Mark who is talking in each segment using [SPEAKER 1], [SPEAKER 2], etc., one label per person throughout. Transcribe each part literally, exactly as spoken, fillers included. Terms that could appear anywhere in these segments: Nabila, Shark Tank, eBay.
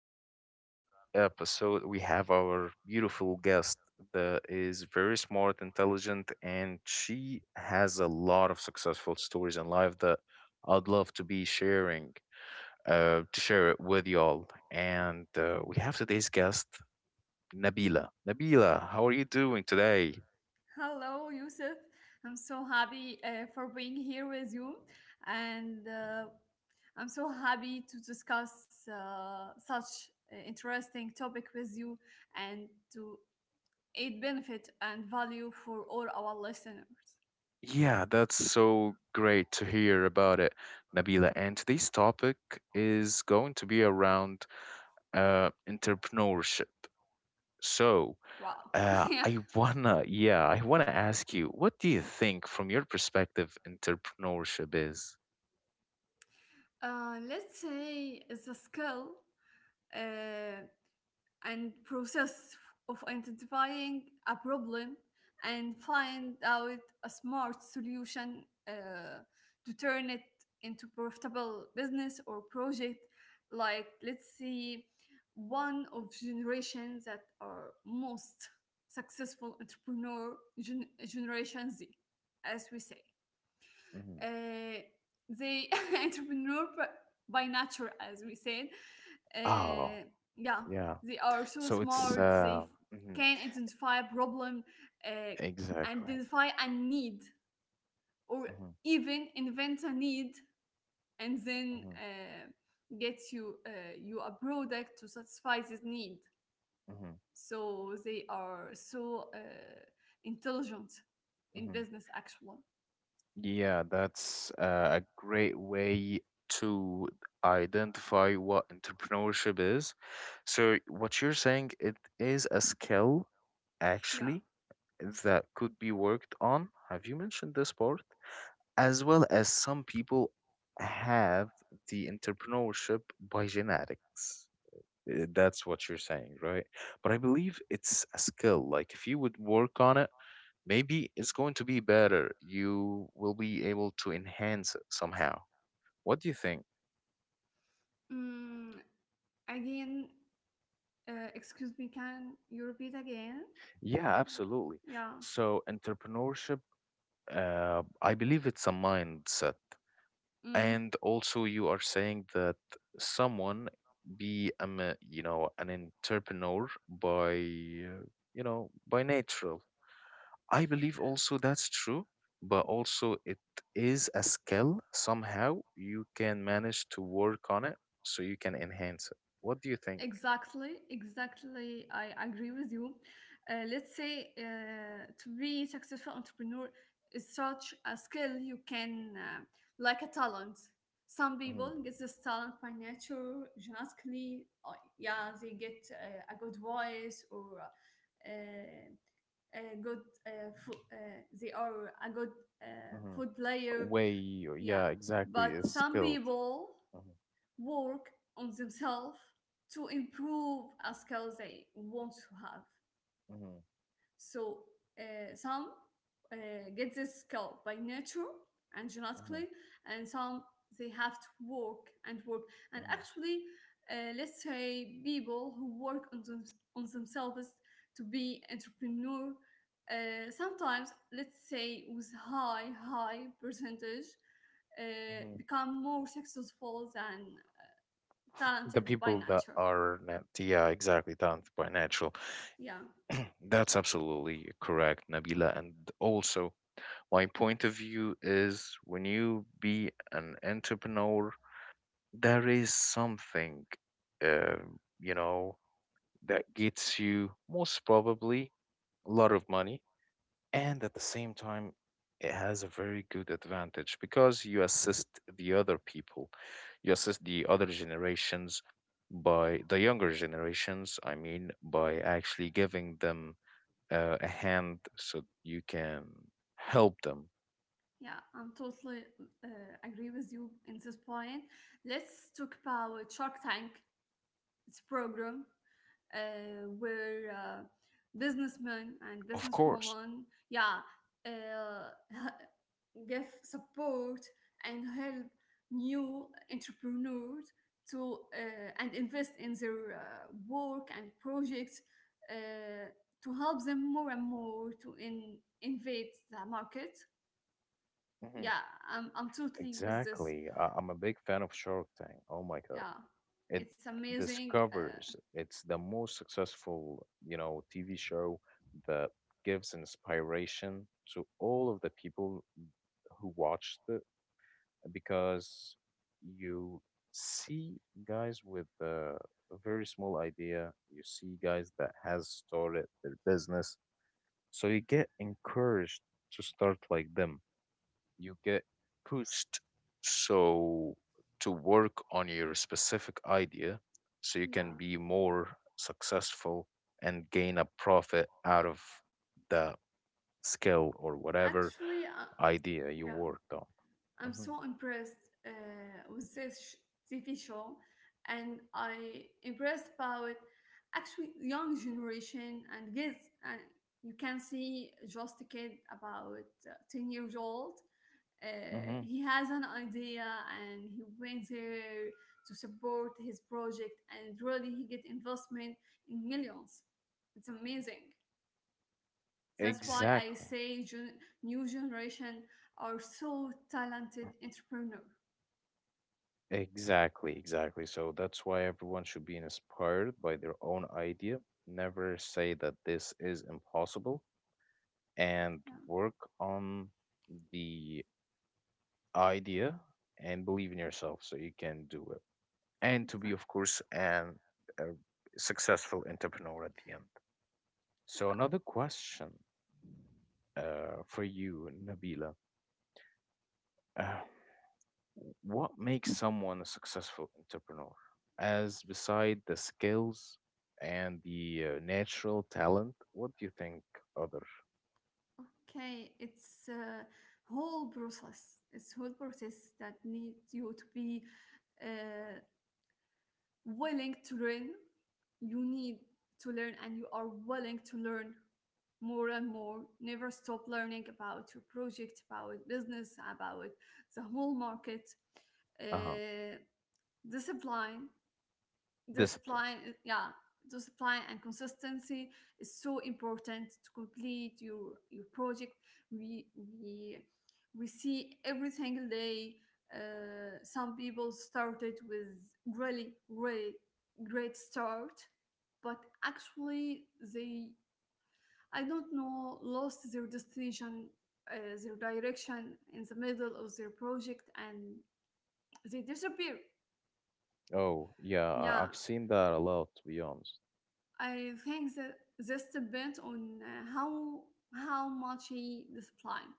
[SPEAKER 1] we have today's ep- episode. We have our beautiful guest that is very smart, intelligent, and she has a lot of successful stories in life that I'd love to be sharing, uh, to share it with y'all. And uh, we have today's guest, Nabila. Nabila, how are you doing today?
[SPEAKER 2] Hello, Yusuf. I'm so happy uh, for being here with you, and uh, I'm so happy to discuss uh, such uh, interesting topic with you and to aid benefit and value for all our listeners.
[SPEAKER 1] Yeah, that's so great to hear about it, Nabila. And today's topic is going to be around uh, entrepreneurship. So
[SPEAKER 2] Wow.
[SPEAKER 1] uh,
[SPEAKER 2] Yeah.
[SPEAKER 1] I wanna, yeah, I wanna ask you, what do you think, from your perspective, entrepreneurship is?
[SPEAKER 2] Uh, let's say it's a skill. Uh, and process of identifying a problem and find out a smart solution uh, to turn it into profitable business or project. Like let's see, one of generations that are most successful entrepreneur, gen- generation z, as we say,
[SPEAKER 1] Hmm.
[SPEAKER 2] uh, they entrepreneur by nature, as we said.
[SPEAKER 1] Oh,
[SPEAKER 2] Uh, yeah,
[SPEAKER 1] yeah.
[SPEAKER 2] they are so
[SPEAKER 1] So it's,
[SPEAKER 2] smart. They
[SPEAKER 1] uh, mhm,
[SPEAKER 2] can identify a problem, uh,
[SPEAKER 1] exactly.
[SPEAKER 2] identify a need, or
[SPEAKER 1] Hmm.
[SPEAKER 2] even invent a need, and then
[SPEAKER 1] Hmm.
[SPEAKER 2] uh, get you uh, you a product to satisfy this need.
[SPEAKER 1] Hmm.
[SPEAKER 2] So they are so uh, intelligent in
[SPEAKER 1] Hmm.
[SPEAKER 2] business, actually.
[SPEAKER 1] Yeah, that's uh, a great way to identify what entrepreneurship is. So what you're saying, it is a skill
[SPEAKER 2] Yeah.
[SPEAKER 1] actually that could be worked on. Have you mentioned this part? As well as some people have the entrepreneurship by genetics. Uh, That's what you're saying, right? But I believe it's a skill. Like, if you would work on it, maybe it's going to be better. You will be able to enhance it somehow. What do you think?
[SPEAKER 2] Mm, again, Uh, excuse me, can you repeat again?
[SPEAKER 1] Yeah, absolutely.
[SPEAKER 2] Yeah.
[SPEAKER 1] So, entrepreneurship, uh, I believe it's a mindset.
[SPEAKER 2] Mm,
[SPEAKER 1] And also, you are saying that someone be um, a, you know, an entrepreneur by, uh, you know, by natural. I believe also that's true, but also it is a skill. Somehow you can manage to work on it so you can enhance it. What do you think?
[SPEAKER 2] exactly, exactly. I agree with you. Uh, let's say uh, to be successful entrepreneur is such a skill you can uh, like a talent. Some
[SPEAKER 1] Hmm.
[SPEAKER 2] people get this talent by nature, genetically. Or, yeah, they get uh, a good voice or uh, a good uh, fo- uh, they are a good uh,
[SPEAKER 1] Hmm.
[SPEAKER 2] food player.
[SPEAKER 1] Way, yeah,
[SPEAKER 2] Yeah,
[SPEAKER 1] exactly,
[SPEAKER 2] but
[SPEAKER 1] is
[SPEAKER 2] some
[SPEAKER 1] skilled.
[SPEAKER 2] people
[SPEAKER 1] Hmm.
[SPEAKER 2] work on themselves to improve a skill they want to have.
[SPEAKER 1] Hmm.
[SPEAKER 2] So uh, some uh, get this skill by nature and
[SPEAKER 1] Hmm.
[SPEAKER 2] genetically, and some they have to work and work. And
[SPEAKER 1] Hmm.
[SPEAKER 2] actually, uh, let's say people who work on, them, on themselves to be entrepreneur, uh, sometimes let's say with high high percentage, uh,
[SPEAKER 1] Hmm.
[SPEAKER 2] become more successful than
[SPEAKER 1] The
[SPEAKER 2] talented by
[SPEAKER 1] people that
[SPEAKER 2] nature.
[SPEAKER 1] are, nat- yeah, exactly, talented by natural.
[SPEAKER 2] Yeah.
[SPEAKER 1] That's absolutely correct, Nabila. And also, my point of view is when you be an entrepreneur, there is something, uh, you know, that gets you most probably a lot of money. And at the same time, it has a very good advantage because you assist the other people, you assist the other generations by the younger generations, I mean, by actually giving them uh, a hand so you can help them.
[SPEAKER 2] Yeah, I'm totally uh, agree with you in this point. Let's talk about Shark Tank. It's program uh, where uh, businessmen and
[SPEAKER 1] Of course.
[SPEAKER 2] businesswomen, yeah, uh, give support and help new entrepreneurs to uh, and invest in their uh, work and projects uh, to help them more and more to in, invade the market.
[SPEAKER 1] Mhm.
[SPEAKER 2] Yeah, i'm, I'm totally with this.
[SPEAKER 1] Exactly. I- I'm a big fan of Shark Tank. Oh my God.
[SPEAKER 2] Yeah,
[SPEAKER 1] It
[SPEAKER 2] it's amazing. uh,
[SPEAKER 1] discovers, it's the most successful, you know, TV show that gives inspiration to all of the people who watched it, because you see guys with a very small idea, you see guys that has started their business, so you get encouraged to start like them, you get pushed. So, to work on your specific idea so you can
[SPEAKER 2] yeah
[SPEAKER 1] be more successful and gain a profit out of the skill or whatever
[SPEAKER 2] actually uh,
[SPEAKER 1] idea you
[SPEAKER 2] yeah
[SPEAKER 1] worked on.
[SPEAKER 2] i'm
[SPEAKER 1] Hmm.
[SPEAKER 2] so impressed uh, with this sh- tv show. And I impressed about actually young generation and kids, and you can see just a kid about uh, ten years old. Uh,
[SPEAKER 1] Hmm.
[SPEAKER 2] he has an idea and he went there to support his project, and really he get investment in millions. It's amazing. That's why I
[SPEAKER 1] Exactly.
[SPEAKER 2] say gen- new generation are so talented entrepreneur.
[SPEAKER 1] Exactly, exactly. So that's why everyone should be inspired by their own idea. Never say that this is impossible, and
[SPEAKER 2] Yeah,
[SPEAKER 1] work on the idea and believe in yourself so you can do it and to be, of
[SPEAKER 2] exactly.
[SPEAKER 1] course, an a successful entrepreneur at the end. So another question, uh, for you, Nabila. uh, what makes someone a successful entrepreneur, as beside the skills and the uh, natural talent? What do you think, other?
[SPEAKER 2] Yeah, okay, it's a whole process. It's whole process that needs you to be uh, willing to learn. You need to learn and you are willing to learn more and more, never stop learning about your project, about business, about the whole market.
[SPEAKER 1] Uh-huh.
[SPEAKER 2] uh, discipline the
[SPEAKER 1] Discipline.
[SPEAKER 2] supply. Yeah, the supply and consistency is so important to complete your your project. We we we see every single day uh, some people started with really really great start, but actually they, I don't know, lost their destination, uh, their direction in the middle of their project, and they disappear.
[SPEAKER 1] Oh yeah, I-
[SPEAKER 2] Yeah,
[SPEAKER 1] I've seen that a lot, to be honest.
[SPEAKER 2] I think that this depends on uh, how how much he discipline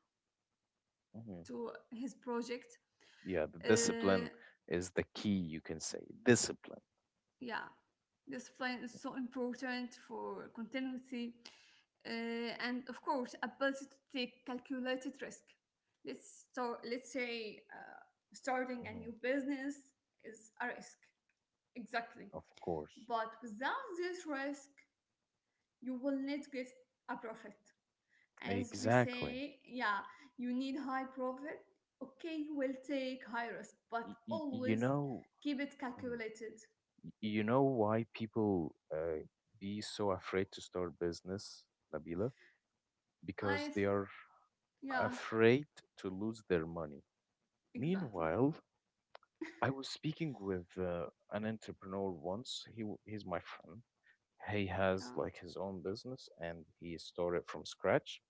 [SPEAKER 1] Mm-hmm.
[SPEAKER 2] to his project.
[SPEAKER 1] Yeah, the
[SPEAKER 2] Uh,
[SPEAKER 1] discipline is the key, you can say. Discipline.
[SPEAKER 2] yeah, discipline is so important for continuity, uh, and of course, ability to take calculated risk. Let's start. Let's say uh, starting a
[SPEAKER 1] Hmm.
[SPEAKER 2] new business is a risk, exactly.
[SPEAKER 1] Of course.
[SPEAKER 2] But without this risk, you will not get a profit, as we say.
[SPEAKER 1] Exactly.
[SPEAKER 2] Yeah, you need high profit. Okay, we'll take high risk, but
[SPEAKER 1] Y- y- you
[SPEAKER 2] always
[SPEAKER 1] know.
[SPEAKER 2] keep it
[SPEAKER 1] Mhm.
[SPEAKER 2] calculated.
[SPEAKER 1] Y- you know why people uh, be so afraid to start business, Nabila?
[SPEAKER 2] I,
[SPEAKER 1] Because
[SPEAKER 2] th-
[SPEAKER 1] they are
[SPEAKER 2] yeah,
[SPEAKER 1] afraid to lose their money.
[SPEAKER 2] exactly.
[SPEAKER 1] Meanwhile, I was speaking with uh, an entrepreneur once. He w- he's my friend. He
[SPEAKER 2] Yeah,
[SPEAKER 1] has, like, his own business, and he started from scratch.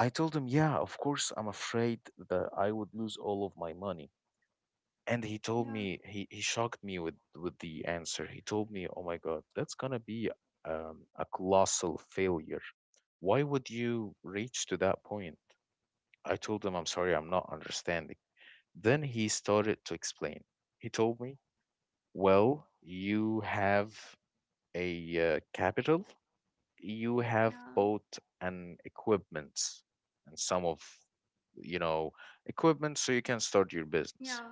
[SPEAKER 1] I told him, yeah, of course, I'm afraid that I would lose all of my money. And he told
[SPEAKER 2] yeah,
[SPEAKER 1] me, he, he shocked me with, with the answer. He told me, oh my God, that's going to be um, a colossal failure. Why would you reach to that point? I told him, I'm sorry, I'm not understanding. Then he started to explain. He told me, well, you have a uh, capital, you have
[SPEAKER 2] yeah,
[SPEAKER 1] bought an equipment and some of, you know, equipment so you can start your business.
[SPEAKER 2] yeah.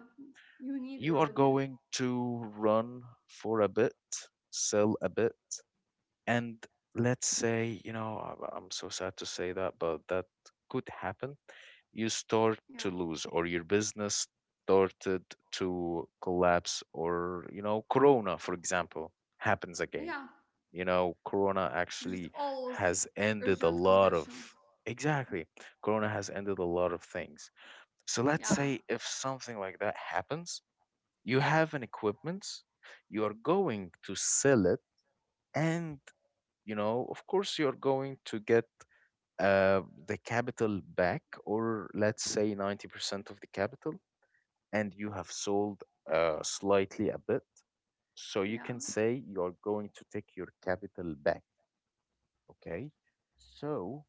[SPEAKER 2] You need
[SPEAKER 1] You are
[SPEAKER 2] already.
[SPEAKER 1] going to run for a bit, sell a bit, and let's say, you know, I- I'm so sad to say that, but that could happen. You start
[SPEAKER 2] Yeah,
[SPEAKER 1] to lose, or your business started to collapse, or you know, Corona, for example, happens again.
[SPEAKER 2] yeah.
[SPEAKER 1] You know, Corona
[SPEAKER 2] There's
[SPEAKER 1] actually
[SPEAKER 2] always
[SPEAKER 1] has ended a
[SPEAKER 2] urgent
[SPEAKER 1] lot
[SPEAKER 2] conditions.
[SPEAKER 1] of, exactly, Corona has ended a lot of things. So let's
[SPEAKER 2] Yeah,
[SPEAKER 1] say if something like that happens, you have an equipment, you are going to sell it, and you know, of course, you're going to get uh, the capital back, or let's say ninety percent of the capital, and you have sold uh, slightly a bit, so you can
[SPEAKER 2] yeah,
[SPEAKER 1] say you're going to take your capital back, okay. So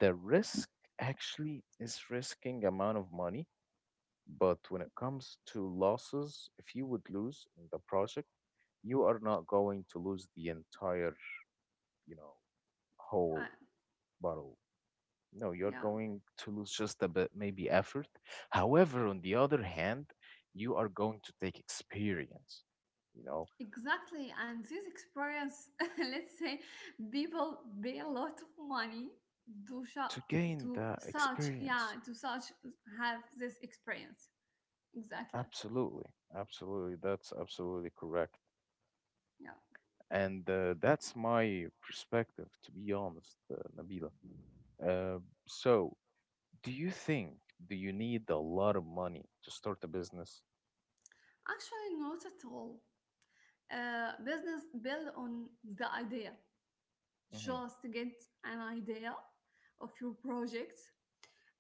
[SPEAKER 1] the risk actually is risking amount of money, but when it comes to losses, if you would lose in the project, you are not going to lose the entire, you know, whole
[SPEAKER 2] I,
[SPEAKER 1] bottle. No, you're
[SPEAKER 2] yeah.
[SPEAKER 1] going to lose just a bit, maybe effort. However, on the other hand, you are going to take experience, you know,
[SPEAKER 2] Exactly, and this experience, let's say, people pay a lot of money to shop
[SPEAKER 1] to gain
[SPEAKER 2] to
[SPEAKER 1] that
[SPEAKER 2] such, yeah,
[SPEAKER 1] experience.
[SPEAKER 2] to such have this experience. Exactly,
[SPEAKER 1] Absolutely, absolutely, that's absolutely correct.
[SPEAKER 2] yeah.
[SPEAKER 1] And uh, that's my perspective, to be honest, uh, Nabila. Uh, so, do you think, do you need a lot of money to start a business?
[SPEAKER 2] Actually, not at all. Uh, business build on the idea.
[SPEAKER 1] Hmm.
[SPEAKER 2] Just get an idea of your project,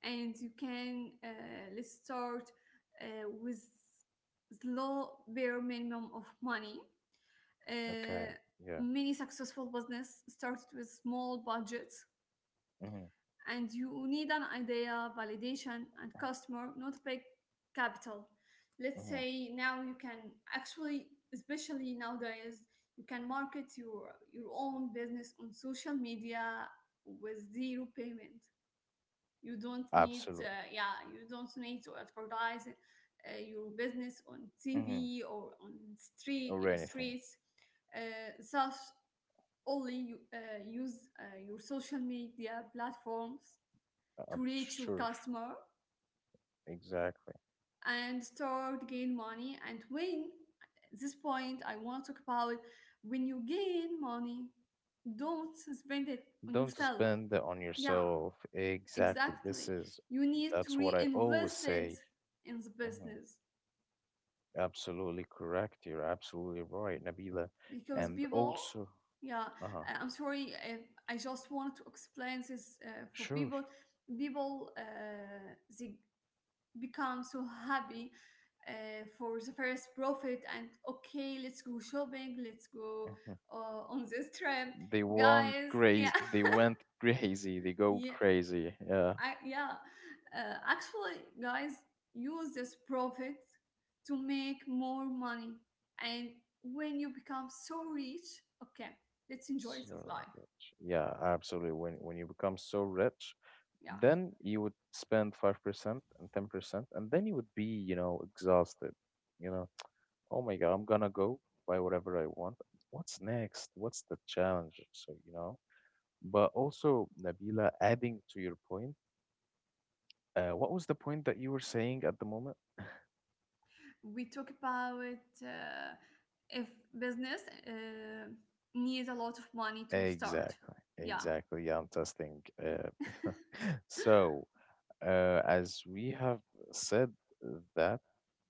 [SPEAKER 2] and you can uh, let's start uh, with low bare minimum of money. Uh,
[SPEAKER 1] Okay, yeah.
[SPEAKER 2] many successful business started with small budgets,
[SPEAKER 1] Hmm.
[SPEAKER 2] and you need an idea validation and customer, not big capital. Let's
[SPEAKER 1] Hmm.
[SPEAKER 2] say now you can actually, especially nowadays, you can market your your own business on social media with zero payment. You don't need
[SPEAKER 1] Absolutely.
[SPEAKER 2] uh, yeah you don't need to advertise uh, your business on
[SPEAKER 1] Hmm.
[SPEAKER 2] tv or on street,
[SPEAKER 1] Or
[SPEAKER 2] in the
[SPEAKER 1] anything.
[SPEAKER 2] streets, uh, such only you, uh, use uh, your social media platforms
[SPEAKER 1] uh, I'm
[SPEAKER 2] to reach your
[SPEAKER 1] sure.
[SPEAKER 2] customer,
[SPEAKER 1] Exactly.
[SPEAKER 2] and start gain money. And when, at this point I want to talk about, when you gain money, don't spend it on
[SPEAKER 1] Don't
[SPEAKER 2] yourself.
[SPEAKER 1] spend it on
[SPEAKER 2] Yeah,
[SPEAKER 1] yourself. Exactly. This
[SPEAKER 2] exactly,
[SPEAKER 1] is,
[SPEAKER 2] you need to
[SPEAKER 1] that's what I always
[SPEAKER 2] reinvest it
[SPEAKER 1] say.
[SPEAKER 2] in the
[SPEAKER 1] Hmm.
[SPEAKER 2] business.
[SPEAKER 1] Absolutely correct. You're absolutely right, Nabila.
[SPEAKER 2] Because
[SPEAKER 1] And
[SPEAKER 2] people,
[SPEAKER 1] also,
[SPEAKER 2] yeah,
[SPEAKER 1] uh-huh.
[SPEAKER 2] I- i'm sorry, uh, I just want to explain this uh, for
[SPEAKER 1] Sure.
[SPEAKER 2] people. People uh, they become so happy uh, for the first profit and, okay, let's go shopping, let's go uh, on this trip,
[SPEAKER 1] They want
[SPEAKER 2] guys. Yeah,
[SPEAKER 1] crazy. They went crazy. They go
[SPEAKER 2] yeah,
[SPEAKER 1] crazy. Yeah.
[SPEAKER 2] I, yeah, uh, actually, guys, use this profit to make more money. And when you become so rich, okay, let's enjoy that
[SPEAKER 1] So
[SPEAKER 2] life.
[SPEAKER 1] rich. Yeah, absolutely. When when you become so rich,
[SPEAKER 2] Yeah,
[SPEAKER 1] then you would spend five percent and ten percent, and then you would be, you know, exhausted. You know, oh my God, I'm gonna go buy whatever I want. What's next? What's the challenge? So, you know, but also, Nabila, adding to your point, uh, what was the point that you were saying at the moment?
[SPEAKER 2] we talk about uh, if business uh, needs a lot of money to start.
[SPEAKER 1] Exactly,
[SPEAKER 2] Yeah,
[SPEAKER 1] exactly. Yeah, I'm testing. Uh, so, uh, as we have said that,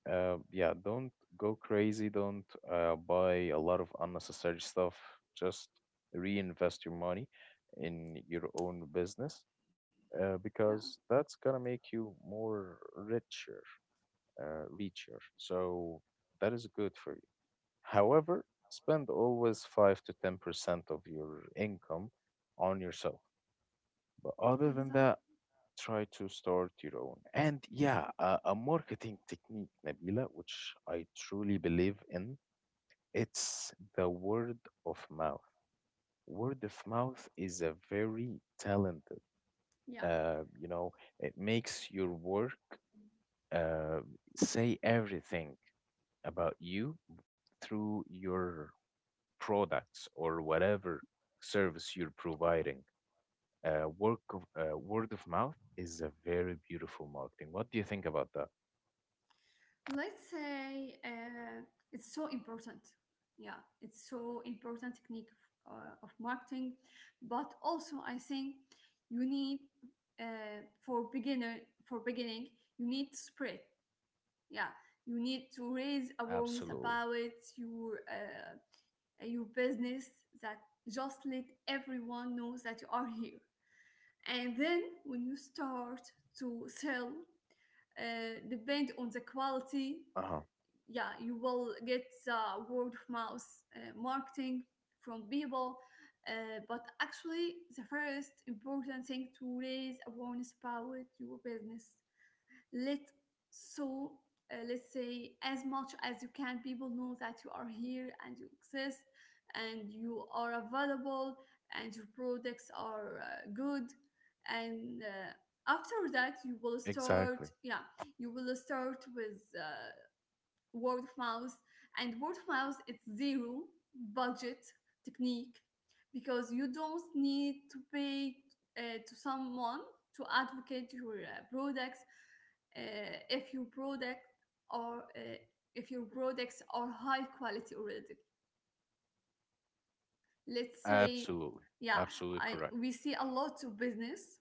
[SPEAKER 1] uh, yeah, don't go crazy. Don't uh, buy a lot of unnecessary stuff. Just reinvest your money in your own business uh,
[SPEAKER 2] yeah,
[SPEAKER 1] because that's gonna make you more richer, uh, richer. So that is good for you. However, spend always five to ten percent of your income on yourself. But other than that,
[SPEAKER 2] exactly.
[SPEAKER 1] try to start your own. And yeah, a, a marketing technique, Nabila, which I truly believe in, it's the word of mouth. Word of mouth is a very talented,
[SPEAKER 2] Yeah.
[SPEAKER 1] uh, you know, it makes your work uh, say everything about you through your products or whatever service you're providing. Uh, work of, uh, word of mouth is a very beautiful marketing. What do you think about that?
[SPEAKER 2] Let's say uh, it's so important. Yeah, it's so important technique of, uh, of marketing, but also I think you need uh, for beginner for beginning you need to spread. Yeah, you need to raise awareness
[SPEAKER 1] Absolutely.
[SPEAKER 2] about your uh, your business, that just let everyone knows that you are here. And then when you start to sell, uh, depend on the quality,
[SPEAKER 1] Uh huh.
[SPEAKER 2] yeah, you will get uh, word of mouth uh, marketing from people. Uh, but actually the first important thing to raise awareness about your business, let so uh, let's say, as much as you can, people know that you are here and you exist and you are available and your products are uh, good. And uh, after that, you will start,
[SPEAKER 1] Exactly.
[SPEAKER 2] yeah, you will start with uh, word of mouth. And word of mouth, it's zero budget technique, because you don't need to pay uh, to someone to advocate your uh, products, uh, if your product or uh, if your products are high quality already, let's say.
[SPEAKER 1] Absolutely.
[SPEAKER 2] Yeah.
[SPEAKER 1] Absolutely
[SPEAKER 2] i
[SPEAKER 1] correct.
[SPEAKER 2] we see a lot of business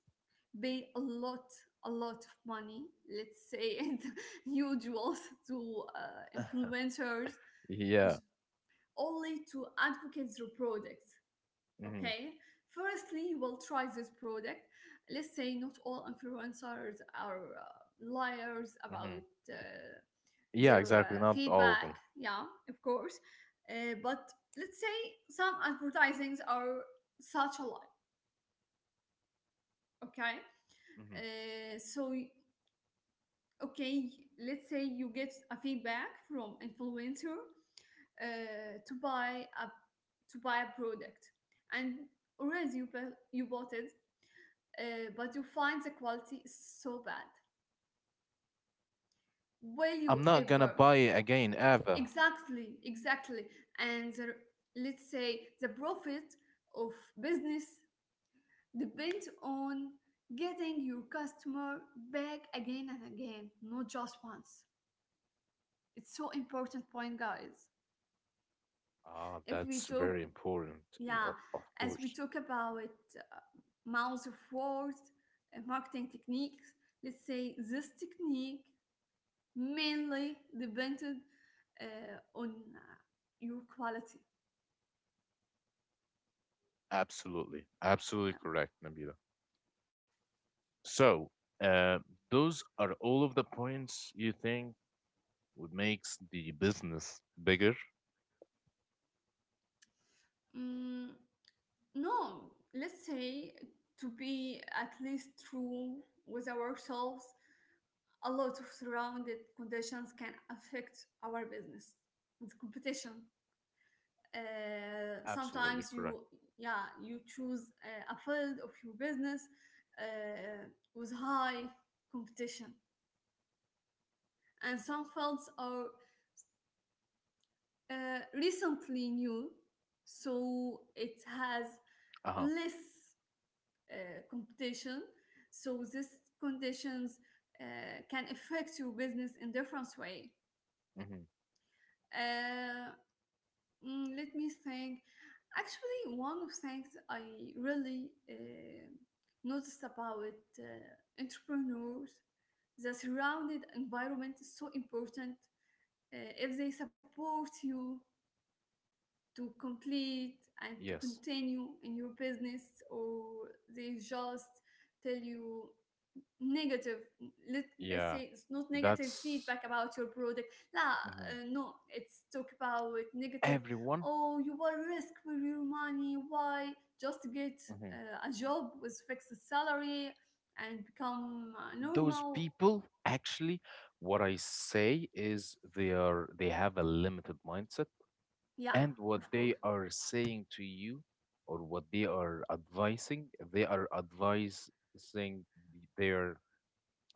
[SPEAKER 2] pay a lot a lot of money, let's say, and usuals to uh, influencers
[SPEAKER 1] Yeah.
[SPEAKER 2] only to advocate your product.
[SPEAKER 1] Hmm.
[SPEAKER 2] Okay, firstly, you will try this product. Let's say not all influencers are uh, liars
[SPEAKER 1] Hmm.
[SPEAKER 2] about uh,
[SPEAKER 1] Yeah,
[SPEAKER 2] their
[SPEAKER 1] exactly.
[SPEAKER 2] uh,
[SPEAKER 1] Not all of
[SPEAKER 2] feedback.
[SPEAKER 1] them.
[SPEAKER 2] Yeah, of course, uh, but let's say some advertisings are such a lie. Okay,
[SPEAKER 1] Hmm.
[SPEAKER 2] uh, so okay, let's say you get a feedback from influencer uh, to buy a, to buy a product, and already you bu- you bought it, uh, but you find the quality is so bad. Will
[SPEAKER 1] I'm
[SPEAKER 2] you
[SPEAKER 1] not gonna
[SPEAKER 2] ever?
[SPEAKER 1] buy it again ever.
[SPEAKER 2] Exactly, exactly. And the, let's say, the profit of business depends on getting your customer back again and again, not just once. It's so important point, guys.
[SPEAKER 1] Ah,
[SPEAKER 2] If we
[SPEAKER 1] that's
[SPEAKER 2] talk
[SPEAKER 1] very important. Y-
[SPEAKER 2] Yeah,
[SPEAKER 1] o- Of
[SPEAKER 2] as we
[SPEAKER 1] course.
[SPEAKER 2] talk about uh, mounds of words and marketing techniques, let's say this technique mainly depended uh, on uh, your quality.
[SPEAKER 1] Absolutely. Absolutely
[SPEAKER 2] Yeah.
[SPEAKER 1] correct, Nabil. So, uh, those are all of the points you think would makes the business bigger?
[SPEAKER 2] Mm, no, let's say, to be at least true with ourselves, a lot of surrounded conditions can affect our business, with competition. uh,
[SPEAKER 1] Absolutely
[SPEAKER 2] sometimes
[SPEAKER 1] correct.
[SPEAKER 2] you, yeah, you choose uh, a field of your business uh, with high competition, and some fields are uh, recently new, so it has
[SPEAKER 1] Uh-huh.
[SPEAKER 2] less uh, competition. So these conditions uh, can affect your business in different way.
[SPEAKER 1] Hmm.
[SPEAKER 2] uh, Mm, let me think. Actually, one of things I really uh, noticed about uh, entrepreneurs, the surrounded environment is so important. Uh, if they support you to complete and to
[SPEAKER 1] Yes.
[SPEAKER 2] continue in your business, or they just tell you negative, let, let's
[SPEAKER 1] Yeah.
[SPEAKER 2] say, it's not negative
[SPEAKER 1] That's
[SPEAKER 2] feedback about your product. لا
[SPEAKER 1] mhm.
[SPEAKER 2] uh, No, it's talk about negative.
[SPEAKER 1] Everyone.
[SPEAKER 2] Oh, you will risk with your money, why? Just get
[SPEAKER 1] Mhm.
[SPEAKER 2] uh, a job with fixed salary and become uh,
[SPEAKER 1] Those
[SPEAKER 2] normal.
[SPEAKER 1] people actually, what I say is, they are they have a limited mindset,
[SPEAKER 2] Yeah,
[SPEAKER 1] and what
[SPEAKER 2] of
[SPEAKER 1] they
[SPEAKER 2] course.
[SPEAKER 1] are saying to you, or what they are advising, they are advising their,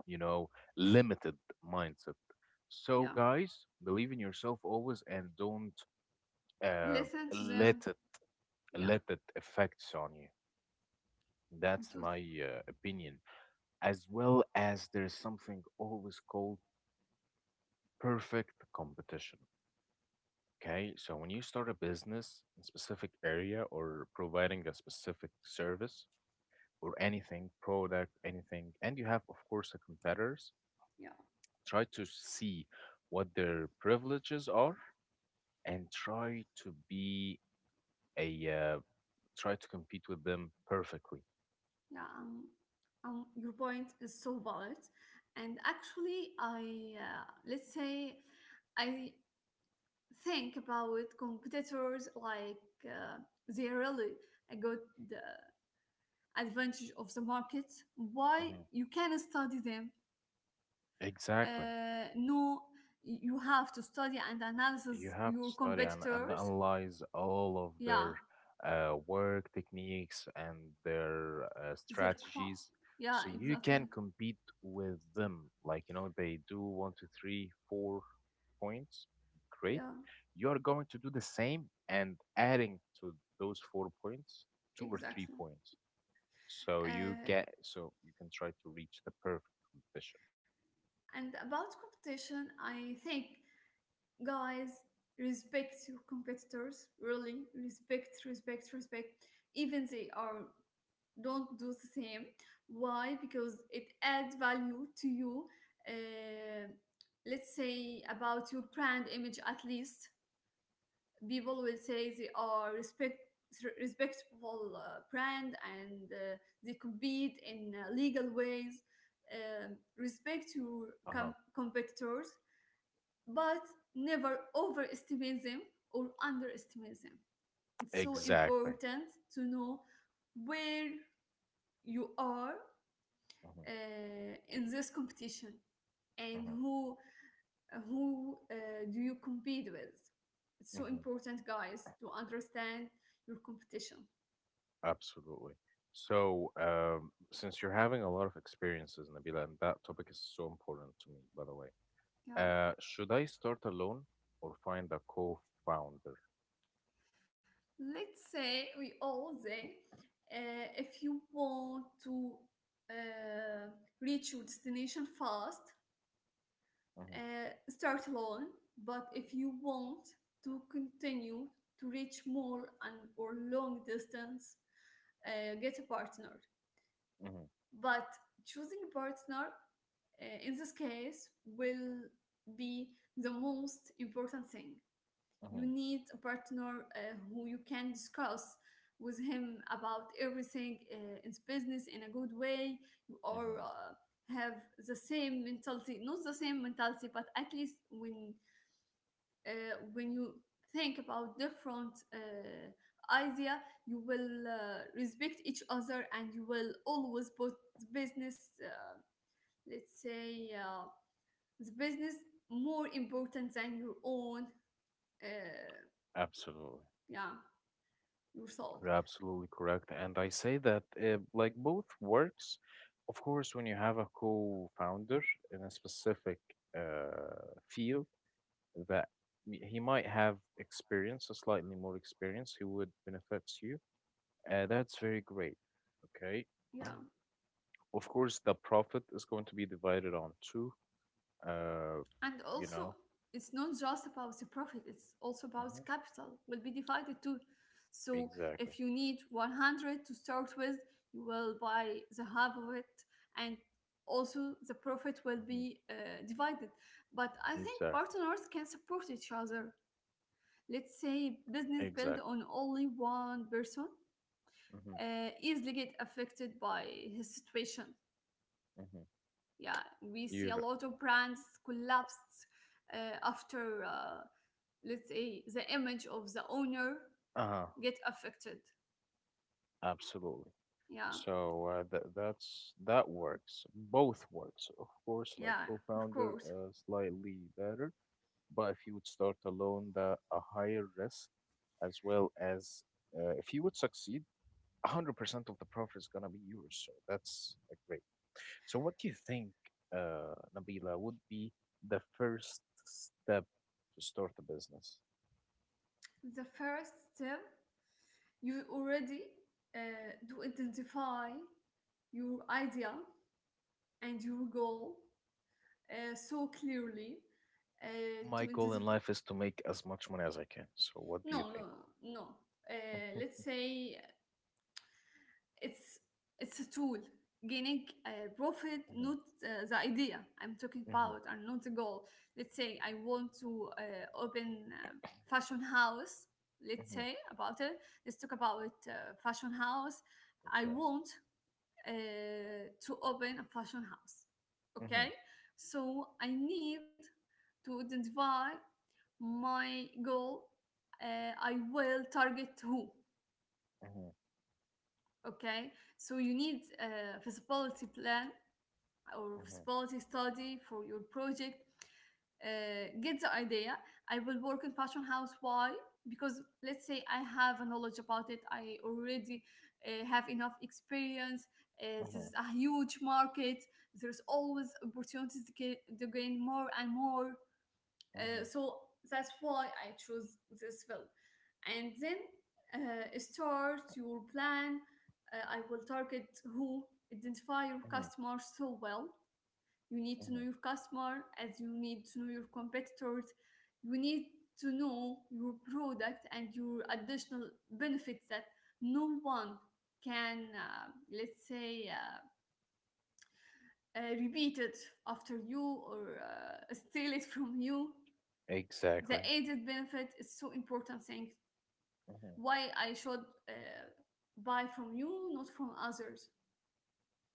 [SPEAKER 1] you know, limited mindset. So,
[SPEAKER 2] Yeah,
[SPEAKER 1] guys, believe in yourself always and don't uh,
[SPEAKER 2] listen to them.
[SPEAKER 1] let it,
[SPEAKER 2] Yeah,
[SPEAKER 1] let it affects on you.
[SPEAKER 2] I'm
[SPEAKER 1] That's
[SPEAKER 2] totally.
[SPEAKER 1] my uh, opinion. As well as, there's something always called perfect competition. Okay, so when you start a business in specific area or providing a specific service or anything, product, anything, and you have, of course, a competitors,
[SPEAKER 2] Yeah,
[SPEAKER 1] try to see what their privileges are and try to be a, uh, try to compete with them perfectly.
[SPEAKER 2] yeah, um, um, your point is so valid. And actually, I uh, let's say, I think about competitors like uh, they really a good uh, advantage of the market. Why?
[SPEAKER 1] Hmm.
[SPEAKER 2] You can study them.
[SPEAKER 1] Exactly.
[SPEAKER 2] Uh, no, you have to study and
[SPEAKER 1] You
[SPEAKER 2] analyze
[SPEAKER 1] have to
[SPEAKER 2] your
[SPEAKER 1] study and, and
[SPEAKER 2] competitors.
[SPEAKER 1] analyze all of
[SPEAKER 2] Yeah,
[SPEAKER 1] their uh, work techniques and their uh,
[SPEAKER 2] their qua
[SPEAKER 1] strategies,
[SPEAKER 2] yeah,
[SPEAKER 1] so you
[SPEAKER 2] exactly.
[SPEAKER 1] can compete with them. Like, you know, they do one, two, three, four points. Great.
[SPEAKER 2] Yeah,
[SPEAKER 1] You're going to do the same and adding to those four points, two or three
[SPEAKER 2] exactly.
[SPEAKER 1] points. So you
[SPEAKER 2] Uh,
[SPEAKER 1] get, so you can try to reach the perfect competition.
[SPEAKER 2] and about competition, I think, guys, respect your competitors, really, respect respect respect. Even they are don't do the same. Why? Because it adds value to you. Uh, let's say about your brand image, at least people will say they are respect respectful uh, brand, and uh, they compete in uh, legal ways. Um, respect your
[SPEAKER 1] Uh-huh.
[SPEAKER 2] com- competitors, but never overestimate them or underestimate them. It's so
[SPEAKER 1] Exactly.
[SPEAKER 2] important to know where you are
[SPEAKER 1] Mhm.
[SPEAKER 2] uh, in this competition and
[SPEAKER 1] Mhm.
[SPEAKER 2] who who uh, do you compete with. It's so
[SPEAKER 1] Mhm.
[SPEAKER 2] important, guys, to understand your competition.
[SPEAKER 1] Absolutely. So, um, since you're having a lot of experiences, Nabila, and that topic is so important to me, by the way,
[SPEAKER 2] Yeah,
[SPEAKER 1] uh, should I start alone or find a co-founder?
[SPEAKER 2] let's say we all say, uh, if you want to uh, reach your destination fast,
[SPEAKER 1] Mhm.
[SPEAKER 2] uh, start alone, but if you want to continue to reach more and or long distance, uh, get a partner.
[SPEAKER 1] Mhm.
[SPEAKER 2] But choosing a partner uh, in this case will be the most important thing. You
[SPEAKER 1] Mhm.
[SPEAKER 2] need a partner uh, who you can discuss with him about everything uh, in business in a good way. Or
[SPEAKER 1] Mhm.
[SPEAKER 2] uh, have the same mentality, not the same mentality, but at least when uh, when you think about different uh, idea, you will uh, respect each other and you will always put business, uh, let's say, uh, the business more important than your own uh,
[SPEAKER 1] Absolutely.
[SPEAKER 2] yeah yourself.
[SPEAKER 1] You're absolutely correct. And I say that uh, like both works, of course. When you have a co-founder in a specific uh, field that m- he might have experience, a slightly more experience, who would benefits you. Uh, that's very great. Okay.
[SPEAKER 2] Yeah,
[SPEAKER 1] Of course, the profit is going to be divided on two. Uh,
[SPEAKER 2] and
[SPEAKER 1] you
[SPEAKER 2] also,
[SPEAKER 1] know.
[SPEAKER 2] it's not just about the profit, it's also about the
[SPEAKER 1] Hmm.
[SPEAKER 2] capital will be divided too. So
[SPEAKER 1] Exactly.
[SPEAKER 2] if you need one hundred to start with, you will buy the half of it, and also the profit will
[SPEAKER 1] Hmm.
[SPEAKER 2] be uh, divided. But I think
[SPEAKER 1] Exactly.
[SPEAKER 2] partners can support each other. Let's say business built
[SPEAKER 1] Exactly.
[SPEAKER 2] on only one person
[SPEAKER 1] Hmm.
[SPEAKER 2] uh, easily get affected by his situation.
[SPEAKER 1] Hmm.
[SPEAKER 2] Yeah, we see a
[SPEAKER 1] You're
[SPEAKER 2] lot of brands collapsed uh, after, uh, let's say, the image of the owner
[SPEAKER 1] uh-huh.
[SPEAKER 2] get affected.
[SPEAKER 1] Absolutely.
[SPEAKER 2] Yeah,
[SPEAKER 1] So uh, that, that's that works. Both works, of course. Like
[SPEAKER 2] yeah, of
[SPEAKER 1] co-founder,
[SPEAKER 2] course.
[SPEAKER 1] uh, slightly better, but if you would start alone, the a higher risk, as well as uh, if you would succeed, one hundred percent of the profit is gonna be yours. So that's uh, great. So what do you think, uh, Nabila, would be the first step to start a business?
[SPEAKER 2] The first step, you already uh, do identify your idea and your goal, uh, so clearly, uh, to
[SPEAKER 1] My goal
[SPEAKER 2] identify.
[SPEAKER 1] in life is to make as much money as I can. So what do you
[SPEAKER 2] No, no,
[SPEAKER 1] think?
[SPEAKER 2] no, no. Uh, let's say It's it's a tool. Gaining uh, profit,
[SPEAKER 1] Mhm,
[SPEAKER 2] not, uh, the idea I'm talking
[SPEAKER 1] mhm,
[SPEAKER 2] about, and not the goal. Let's say I want to uh, open um fashion house. Let's
[SPEAKER 1] mhm.
[SPEAKER 2] say about it. Let's talk about uh, fashion house. I
[SPEAKER 1] Okay.
[SPEAKER 2] want uh, to open a fashion house.
[SPEAKER 1] Mhm,
[SPEAKER 2] Okay, so I need to identify my goal. Uh, I will target who.
[SPEAKER 1] mhm,
[SPEAKER 2] Okay, so you need a feasibility plan or
[SPEAKER 1] mhm,
[SPEAKER 2] feasibility study for your project, uh, get the idea. I will work in fashion house, why? Because let's say I have a knowledge about it, I already uh, have enough experience, uh, this
[SPEAKER 1] mhm,
[SPEAKER 2] is a huge market, there's always opportunities to, ga- to gain more and more.
[SPEAKER 1] mhm,
[SPEAKER 2] Uh, so that's why I chose this field. And then uh, start your plan. Uh, I will target who. Identify your
[SPEAKER 1] mhm,
[SPEAKER 2] customer so well. You need to know
[SPEAKER 1] mhm,
[SPEAKER 2] your customer as you need to know your competitors. You need to know your product and your additional benefits that no one can, uh, let's say, uh, uh, repeat it after you or uh, steal it from you. The
[SPEAKER 1] exactly.
[SPEAKER 2] added benefit is so important thing.
[SPEAKER 1] Mhm,
[SPEAKER 2] Why I should uh, buy from you, not from others?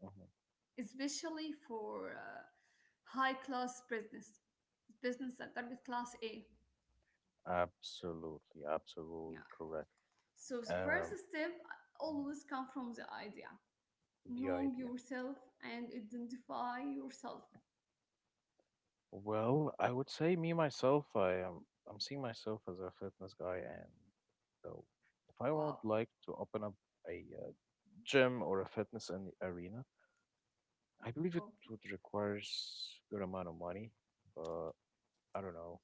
[SPEAKER 1] mhm.
[SPEAKER 2] Especially for uh, high class business, business that target class A.
[SPEAKER 1] Absolutely, absolutely
[SPEAKER 2] Yeah,
[SPEAKER 1] correct.
[SPEAKER 2] so the first
[SPEAKER 1] Um,
[SPEAKER 2] step
[SPEAKER 1] Mhm.
[SPEAKER 2] always come from the idea.
[SPEAKER 1] The
[SPEAKER 2] Know
[SPEAKER 1] idea.
[SPEAKER 2] yourself and identify yourself.
[SPEAKER 1] Well, I would say me myself, I am I'm seeing myself as a fitness guy, and though if I would
[SPEAKER 2] Wow.
[SPEAKER 1] like to open up a uh, gym or a fitness an- arena, I believe it
[SPEAKER 2] Okay,
[SPEAKER 1] would require s- good amount of money, but I don't know.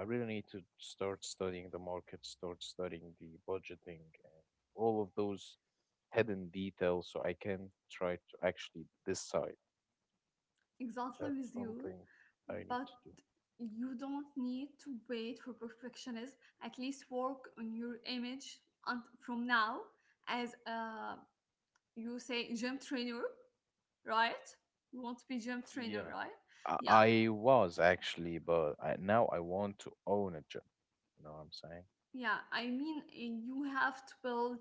[SPEAKER 1] I really need to start studying the market, start studying the budgeting and all of those hidden details so I can try to actually decide.
[SPEAKER 2] exactly
[SPEAKER 1] That's
[SPEAKER 2] with you,
[SPEAKER 1] something I need
[SPEAKER 2] but
[SPEAKER 1] to do.
[SPEAKER 2] you don't need to wait for perfectionism. At least work on your image and from now as a, you say gym trainer, right? You want to be gym trainer,
[SPEAKER 1] Yeah.
[SPEAKER 2] right?
[SPEAKER 1] I,
[SPEAKER 2] Yeah.
[SPEAKER 1] I was actually, but I, now I want to own a gym. You know what I'm saying?
[SPEAKER 2] Yeah, I mean, uh, you have to build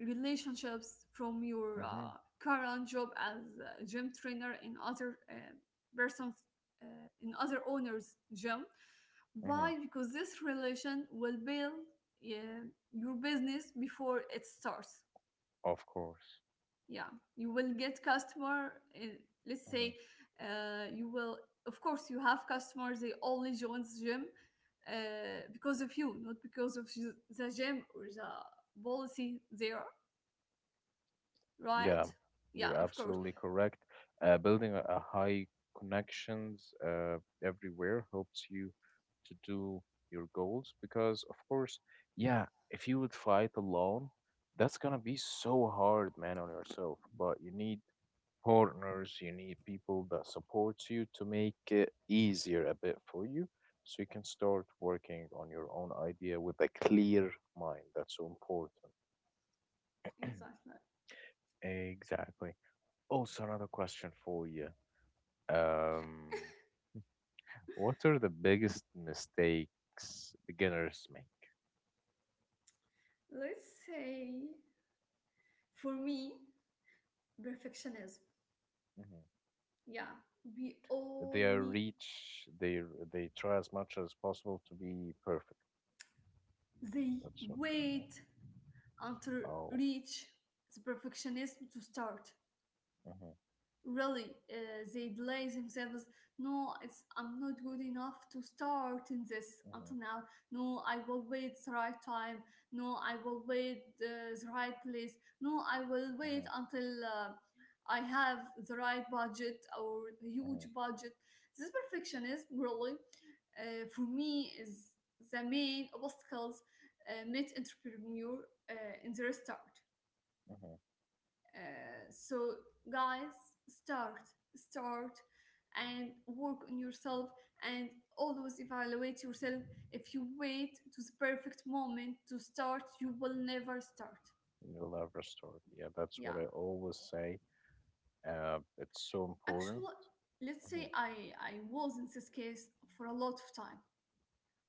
[SPEAKER 2] relationships from your
[SPEAKER 1] Mm-hmm.
[SPEAKER 2] uh, current job as a gym trainer in other uh, persons, uh, in other owners' gym.
[SPEAKER 1] Mm-hmm.
[SPEAKER 2] Why? Because this relation will build uh, your business before it starts.
[SPEAKER 1] Of course.
[SPEAKER 2] Yeah, you will get customer, uh, let's say, uh, you will, of course you have customers, they only joins gym uh, because of you, not because of the the gym or the policy there,
[SPEAKER 1] Yeah,
[SPEAKER 2] right? Yeah,
[SPEAKER 1] you're
[SPEAKER 2] of course,
[SPEAKER 1] absolutely correct. Uh, building a, a high connections uh, everywhere helps you to do your goals because, of course, yeah, if you would fight alone, that's gonna be so hard, man, on yourself. But you need partners, you need people that supports you to make it easier a bit for you, so you can start working on your own idea with a clear mind. That's so important.
[SPEAKER 2] exactly.
[SPEAKER 1] Exactly. Also, another question for you. Um, what are the biggest mistakes beginners make?
[SPEAKER 2] Let's say for me, perfectionism.
[SPEAKER 1] Mhm.
[SPEAKER 2] Yeah, we
[SPEAKER 1] They are
[SPEAKER 2] only,
[SPEAKER 1] reach. They they try as much as possible to be perfect.
[SPEAKER 2] they
[SPEAKER 1] That's what you say.
[SPEAKER 2] wait until
[SPEAKER 1] Oh.
[SPEAKER 2] reach the perfectionism to start,
[SPEAKER 1] Mhm,
[SPEAKER 2] really. uh, they delay themselves. No, it's I'm not good enough to start in this
[SPEAKER 1] mhm,
[SPEAKER 2] until now. No, I will wait the right time. No, I will wait uh, the right place. No, I will wait
[SPEAKER 1] mhm,
[SPEAKER 2] until uh, I have the right budget or huge
[SPEAKER 1] mhm,
[SPEAKER 2] budget. This perfectionism really, uh, for me, is the main obstacles uh, meet entrepreneur uh, in their start.
[SPEAKER 1] mhm.
[SPEAKER 2] Uh, so guys, start, start, and work on yourself, and always evaluate yourself. If you wait to the perfect moment to start, you will never start.
[SPEAKER 1] You love restored. Yeah, that's
[SPEAKER 2] Yeah,
[SPEAKER 1] what I always say. Uh, it's so important.
[SPEAKER 2] actually, let's
[SPEAKER 1] Mhm.
[SPEAKER 2] say I I was in this case for a lot of time.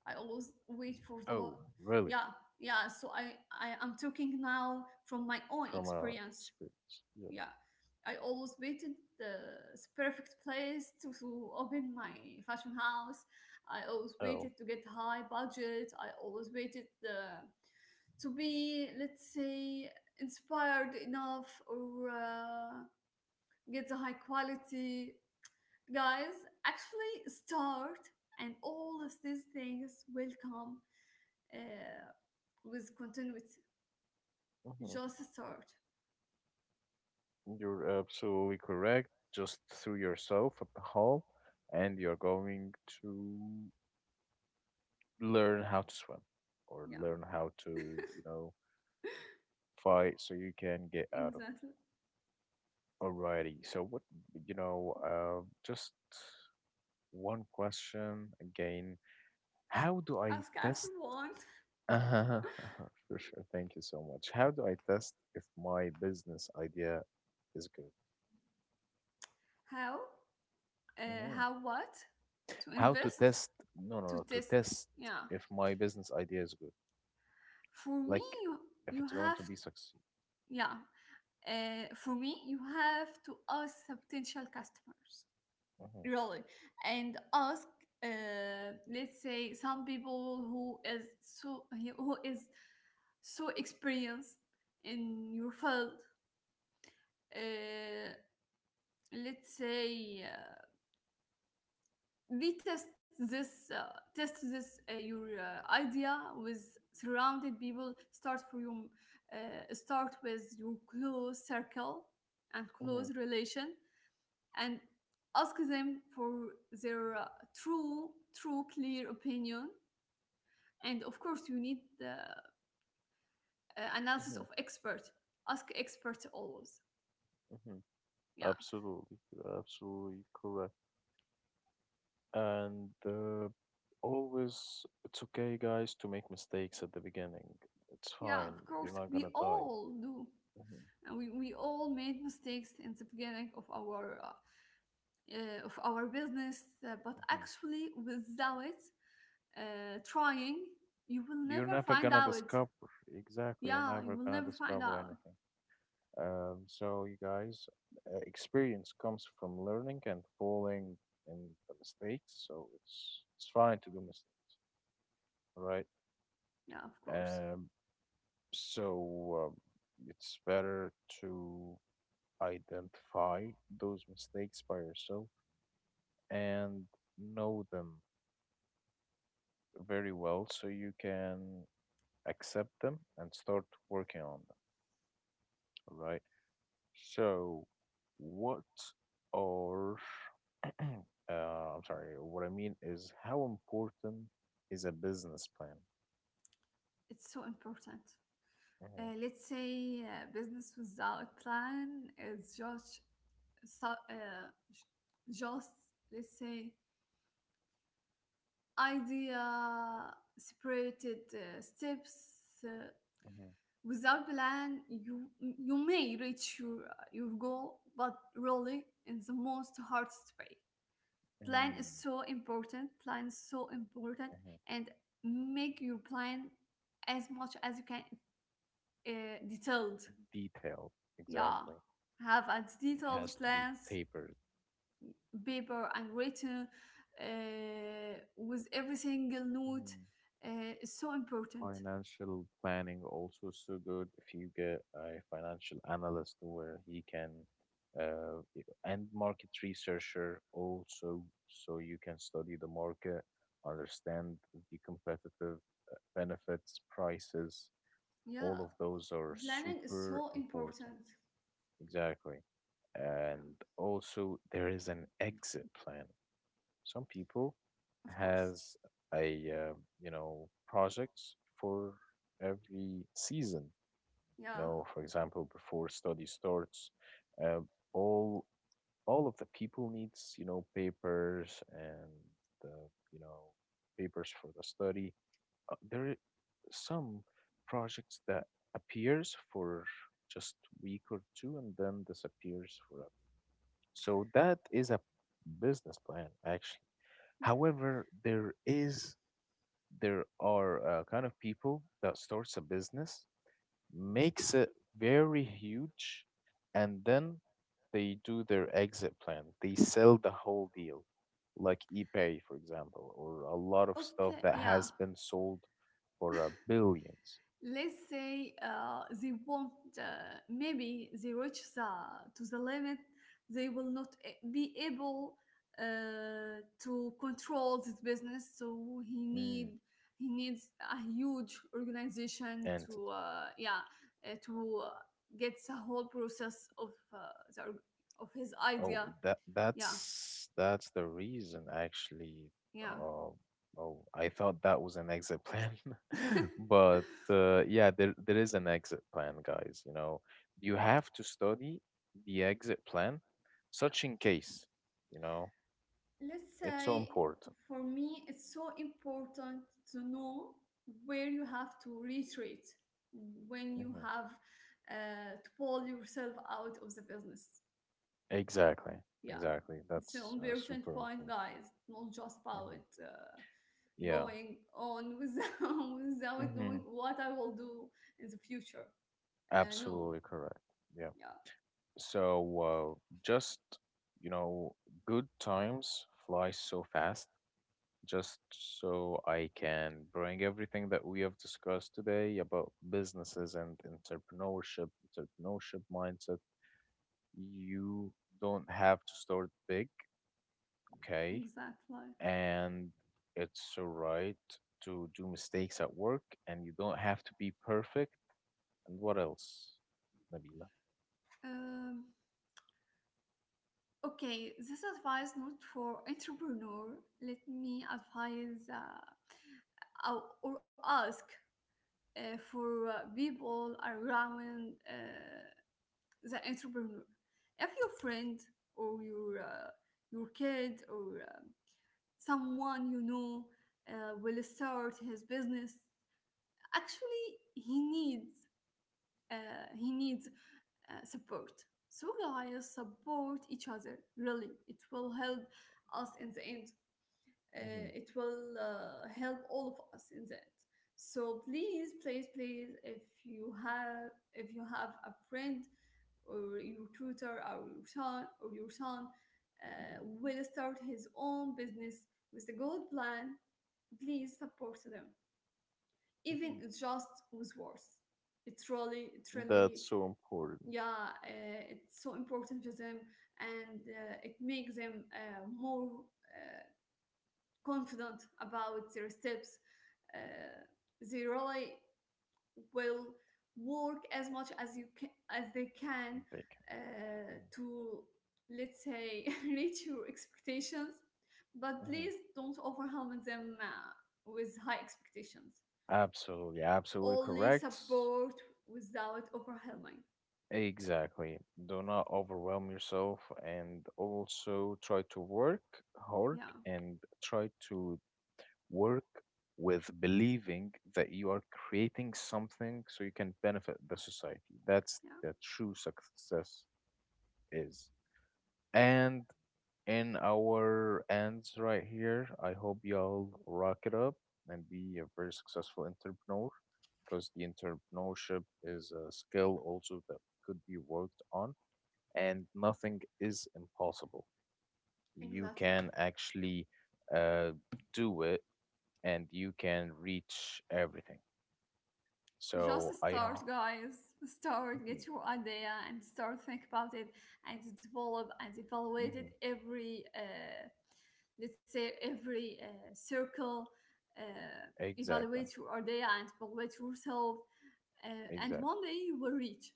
[SPEAKER 2] I always wait for the lot.
[SPEAKER 1] Oh, really?
[SPEAKER 2] Yeah, yeah. So I I am talking now from my own
[SPEAKER 1] From our
[SPEAKER 2] experience.
[SPEAKER 1] experience. Yeah.
[SPEAKER 2] Yeah, I always waited the s- perfect place to, to open my fashion house. I always
[SPEAKER 1] Oh.
[SPEAKER 2] waited to get high budget. I always waited the to be, let's say, inspired enough or uh, get the high quality. Guys, actually start, and all of these things will come uh, with continuity.
[SPEAKER 1] Mhm.
[SPEAKER 2] Just start.
[SPEAKER 1] You're absolutely correct. Just throw yourself at the hole, and you're going to learn how to swim or
[SPEAKER 2] Yeah,
[SPEAKER 1] learn how to, you know, fight so you can get out of.
[SPEAKER 2] exactly.
[SPEAKER 1] Alrighty. So what, you know, uh, just one question again. How do I
[SPEAKER 2] Ask us
[SPEAKER 1] test?
[SPEAKER 2] you want.
[SPEAKER 1] Uh, for sure. Thank you so much. How do I test if my business idea is good?
[SPEAKER 2] How uh,
[SPEAKER 1] Mhm.
[SPEAKER 2] how what to
[SPEAKER 1] How to
[SPEAKER 2] invest?
[SPEAKER 1] test, no, no,
[SPEAKER 2] To
[SPEAKER 1] no, to
[SPEAKER 2] test.
[SPEAKER 1] test
[SPEAKER 2] Yeah,
[SPEAKER 1] if my business idea is good,
[SPEAKER 2] for me
[SPEAKER 1] like
[SPEAKER 2] you
[SPEAKER 1] if
[SPEAKER 2] you
[SPEAKER 1] it's going
[SPEAKER 2] have
[SPEAKER 1] to be succeed.
[SPEAKER 2] yeah, uh, for me you have to ask the potential customers,
[SPEAKER 1] Hmm.
[SPEAKER 2] really, and ask uh, let's say some people who is so who is so experienced in your field, uh, let's say, uh, they test this, uh, test this, uh, your, uh, idea with surrounded people. Start for your uh, start with your close circle and
[SPEAKER 1] Hmm.
[SPEAKER 2] close relation and ask them for their uh, true true clear opinion. And of course you need the, uh, analysis
[SPEAKER 1] Hmm.
[SPEAKER 2] of expert. Ask experts always.
[SPEAKER 1] Hmm.
[SPEAKER 2] Yeah.
[SPEAKER 1] Absolutely, you're absolutely correct, and uh, always it's okay guys to make mistakes at the beginning. It's
[SPEAKER 2] Yeah,
[SPEAKER 1] fine.
[SPEAKER 2] of course
[SPEAKER 1] You're not
[SPEAKER 2] we
[SPEAKER 1] gonna die.
[SPEAKER 2] all do.
[SPEAKER 1] Hmm.
[SPEAKER 2] And we, we all made mistakes in the beginning of our uh, uh, of our business, uh, but
[SPEAKER 1] Hmm.
[SPEAKER 2] actually, without uh, trying, you will
[SPEAKER 1] You're
[SPEAKER 2] never
[SPEAKER 1] never
[SPEAKER 2] find
[SPEAKER 1] gonna
[SPEAKER 2] out.
[SPEAKER 1] discover. Exactly, you're
[SPEAKER 2] Yeah, you
[SPEAKER 1] never
[SPEAKER 2] will
[SPEAKER 1] gonna
[SPEAKER 2] never find
[SPEAKER 1] discover
[SPEAKER 2] out.
[SPEAKER 1] anything. Um, so, you guys, uh, experience comes from learning and falling in the mistakes. So it's it's fine to do mistakes, right?
[SPEAKER 2] Yeah, of course.
[SPEAKER 1] Um, so um, it's better to identify those mistakes by yourself and know them very well, so you can accept them and start working on them. All right. So, what are uh, I'm sorry. What I mean is, how important is a business plan?
[SPEAKER 2] It's so important.
[SPEAKER 1] Mhm,
[SPEAKER 2] Uh, let's say uh, business without plan is just, so, uh, just, let's say, idea separated uh, steps, uh,
[SPEAKER 1] mhm,
[SPEAKER 2] without plan you you may reach your your goal, but really in the most hardest way. Plan
[SPEAKER 1] mhm,
[SPEAKER 2] is so important, plan is so important.
[SPEAKER 1] mhm.
[SPEAKER 2] And make your plan as much as you can uh, detailed.
[SPEAKER 1] Detailed,
[SPEAKER 2] Yeah,
[SPEAKER 1] exactly.
[SPEAKER 2] have a
[SPEAKER 1] It
[SPEAKER 2] detailed
[SPEAKER 1] has to be
[SPEAKER 2] plans,
[SPEAKER 1] tapered.
[SPEAKER 2] paper and written, uh, with every single note
[SPEAKER 1] Mhm.
[SPEAKER 2] uh, is so important.
[SPEAKER 1] Financial planning also so good if you get a financial analyst where he can, uh, y- and market researcher also, so you can study the market, understand the competitive uh, benefits, prices,
[SPEAKER 2] Yeah,
[SPEAKER 1] all of those are
[SPEAKER 2] planning is
[SPEAKER 1] super
[SPEAKER 2] so
[SPEAKER 1] important.
[SPEAKER 2] important.
[SPEAKER 1] Exactly.
[SPEAKER 2] Yeah,
[SPEAKER 1] And also there is an exit plan. Some people
[SPEAKER 2] of course.
[SPEAKER 1] has a uh, you know projects for every season. You
[SPEAKER 2] Yeah,
[SPEAKER 1] know, for example, before study starts, uh, all all of the people needs you know papers and the you know papers for the study, uh, there are some projects that appears for just week or two and then disappears forever. So that is a business plan actually.
[SPEAKER 2] yeah.
[SPEAKER 1] However, there is there are uh, kind of people that starts a business, makes it very huge, and then they do their exit plan. They sell the whole deal, like eBay, for example, or a lot of
[SPEAKER 2] Okay,
[SPEAKER 1] stuff that
[SPEAKER 2] yeah.
[SPEAKER 1] has been sold for uh, billions.
[SPEAKER 2] Let's say uh, they won't uh, maybe they reach the, to the limit, they will not a- be able uh, to control this business, so he need,
[SPEAKER 1] Mm,
[SPEAKER 2] he needs a huge organization
[SPEAKER 1] and t-
[SPEAKER 2] to uh, yeah uh, to uh, get the whole process of, uh, the, org- of his
[SPEAKER 1] oh,
[SPEAKER 2] idea.
[SPEAKER 1] that
[SPEAKER 2] Yeah.
[SPEAKER 1] that's that's the reason actually.
[SPEAKER 2] Yeah.
[SPEAKER 1] Uh, oh, I thought that was an exit plan, but uh, yeah, there there is an exit plan, guys. You know, you have to study the exit plan, such in case. You know,
[SPEAKER 2] Let's
[SPEAKER 1] it's so
[SPEAKER 2] say
[SPEAKER 1] important.
[SPEAKER 2] for me it's so important to know where you have to retreat when you
[SPEAKER 1] Hmm.
[SPEAKER 2] have uh, to pull yourself out of the business.
[SPEAKER 1] Exactly,
[SPEAKER 2] Yeah,
[SPEAKER 1] exactly.
[SPEAKER 2] it's an
[SPEAKER 1] That's uh,
[SPEAKER 2] important
[SPEAKER 1] super
[SPEAKER 2] point,
[SPEAKER 1] important.
[SPEAKER 2] guys. Not just
[SPEAKER 1] Hmm.
[SPEAKER 2] about uh,
[SPEAKER 1] Yeah,
[SPEAKER 2] going on without, without knowing
[SPEAKER 1] hmm,
[SPEAKER 2] what I will do in the future. Uh, no
[SPEAKER 1] absolutely correct. Yeah.
[SPEAKER 2] Yeah,
[SPEAKER 1] So, uh, just, you know, good times fly so fast, just so I can bring everything that we have discussed today about businesses and entrepreneurship, entrepreneurship mindset. You don't have to start big, okay?
[SPEAKER 2] exactly.
[SPEAKER 1] And it's all right to do mistakes at work, and you don't have to be perfect. And what else, Nabila?
[SPEAKER 2] um, okay, this advice not for entrepreneur. Let me advise, uh, or or ask uh, for uh, people around uh, the entrepreneur. If your friend or your uh, your kid or uh, someone you know uh, will start his business, actually he needs uh, he needs uh, support. So guys, support each other, really, it will help us in the end. uh,
[SPEAKER 1] Hmm.
[SPEAKER 2] it will uh, help all of us in the end. So please, please, please, if you have, if you have a friend or your tutor or your son or your son uh, will start his own business with a good plan, please support them, even
[SPEAKER 1] Hmm.
[SPEAKER 2] just with words. It really, it
[SPEAKER 1] That's
[SPEAKER 2] really,
[SPEAKER 1] so important.
[SPEAKER 2] yeah, uh, it's so important to them, and uh, it makes them uh, more uh, confident about their steps uh, they really will work as much as you can, as they can,
[SPEAKER 1] Big.
[SPEAKER 2] uh, to let's say reach your expectations. But
[SPEAKER 1] Mhm.
[SPEAKER 2] please don't overwhelm them uh, with high expectations.
[SPEAKER 1] Absolutely, absolutely
[SPEAKER 2] Only
[SPEAKER 1] correct.
[SPEAKER 2] support without overwhelming.
[SPEAKER 1] Exactly. Do not overwhelm yourself and also try to work hard
[SPEAKER 2] Yeah,
[SPEAKER 1] and try to work with believing that you are creating something so you can benefit the society. That's
[SPEAKER 2] yeah,
[SPEAKER 1] the true success is. And in our ends right here. I hope y'all rock it up and be a very successful entrepreneur because the entrepreneurship is a skill also that could be worked on and nothing is impossible. You
[SPEAKER 2] exactly.
[SPEAKER 1] can actually uh, do it and you can reach everything.
[SPEAKER 2] Just
[SPEAKER 1] So I.
[SPEAKER 2] start, guys. Start,
[SPEAKER 1] Mm-hmm,
[SPEAKER 2] get your idea and start think about it and develop and evaluate it every, uh, let's say, every uh, circle. Uh,
[SPEAKER 1] exactly.
[SPEAKER 2] evaluate your idea and evaluate yourself. Uh, and
[SPEAKER 1] Exactly.
[SPEAKER 2] one day you will reach,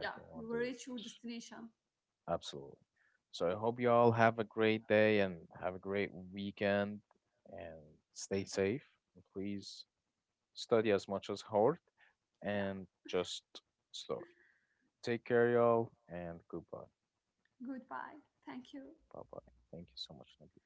[SPEAKER 2] yeah,
[SPEAKER 1] One
[SPEAKER 2] you will
[SPEAKER 1] day.
[SPEAKER 2] reach your destination.
[SPEAKER 1] Absolutely. So I hope you all have a great day and have a great weekend and stay safe. And please study as much as hard
[SPEAKER 2] Yeah,
[SPEAKER 1] and just start. Take care, y'all, and goodbye.
[SPEAKER 2] goodbye. Thank you.
[SPEAKER 1] Bye bye. Thank you so much, Nabil.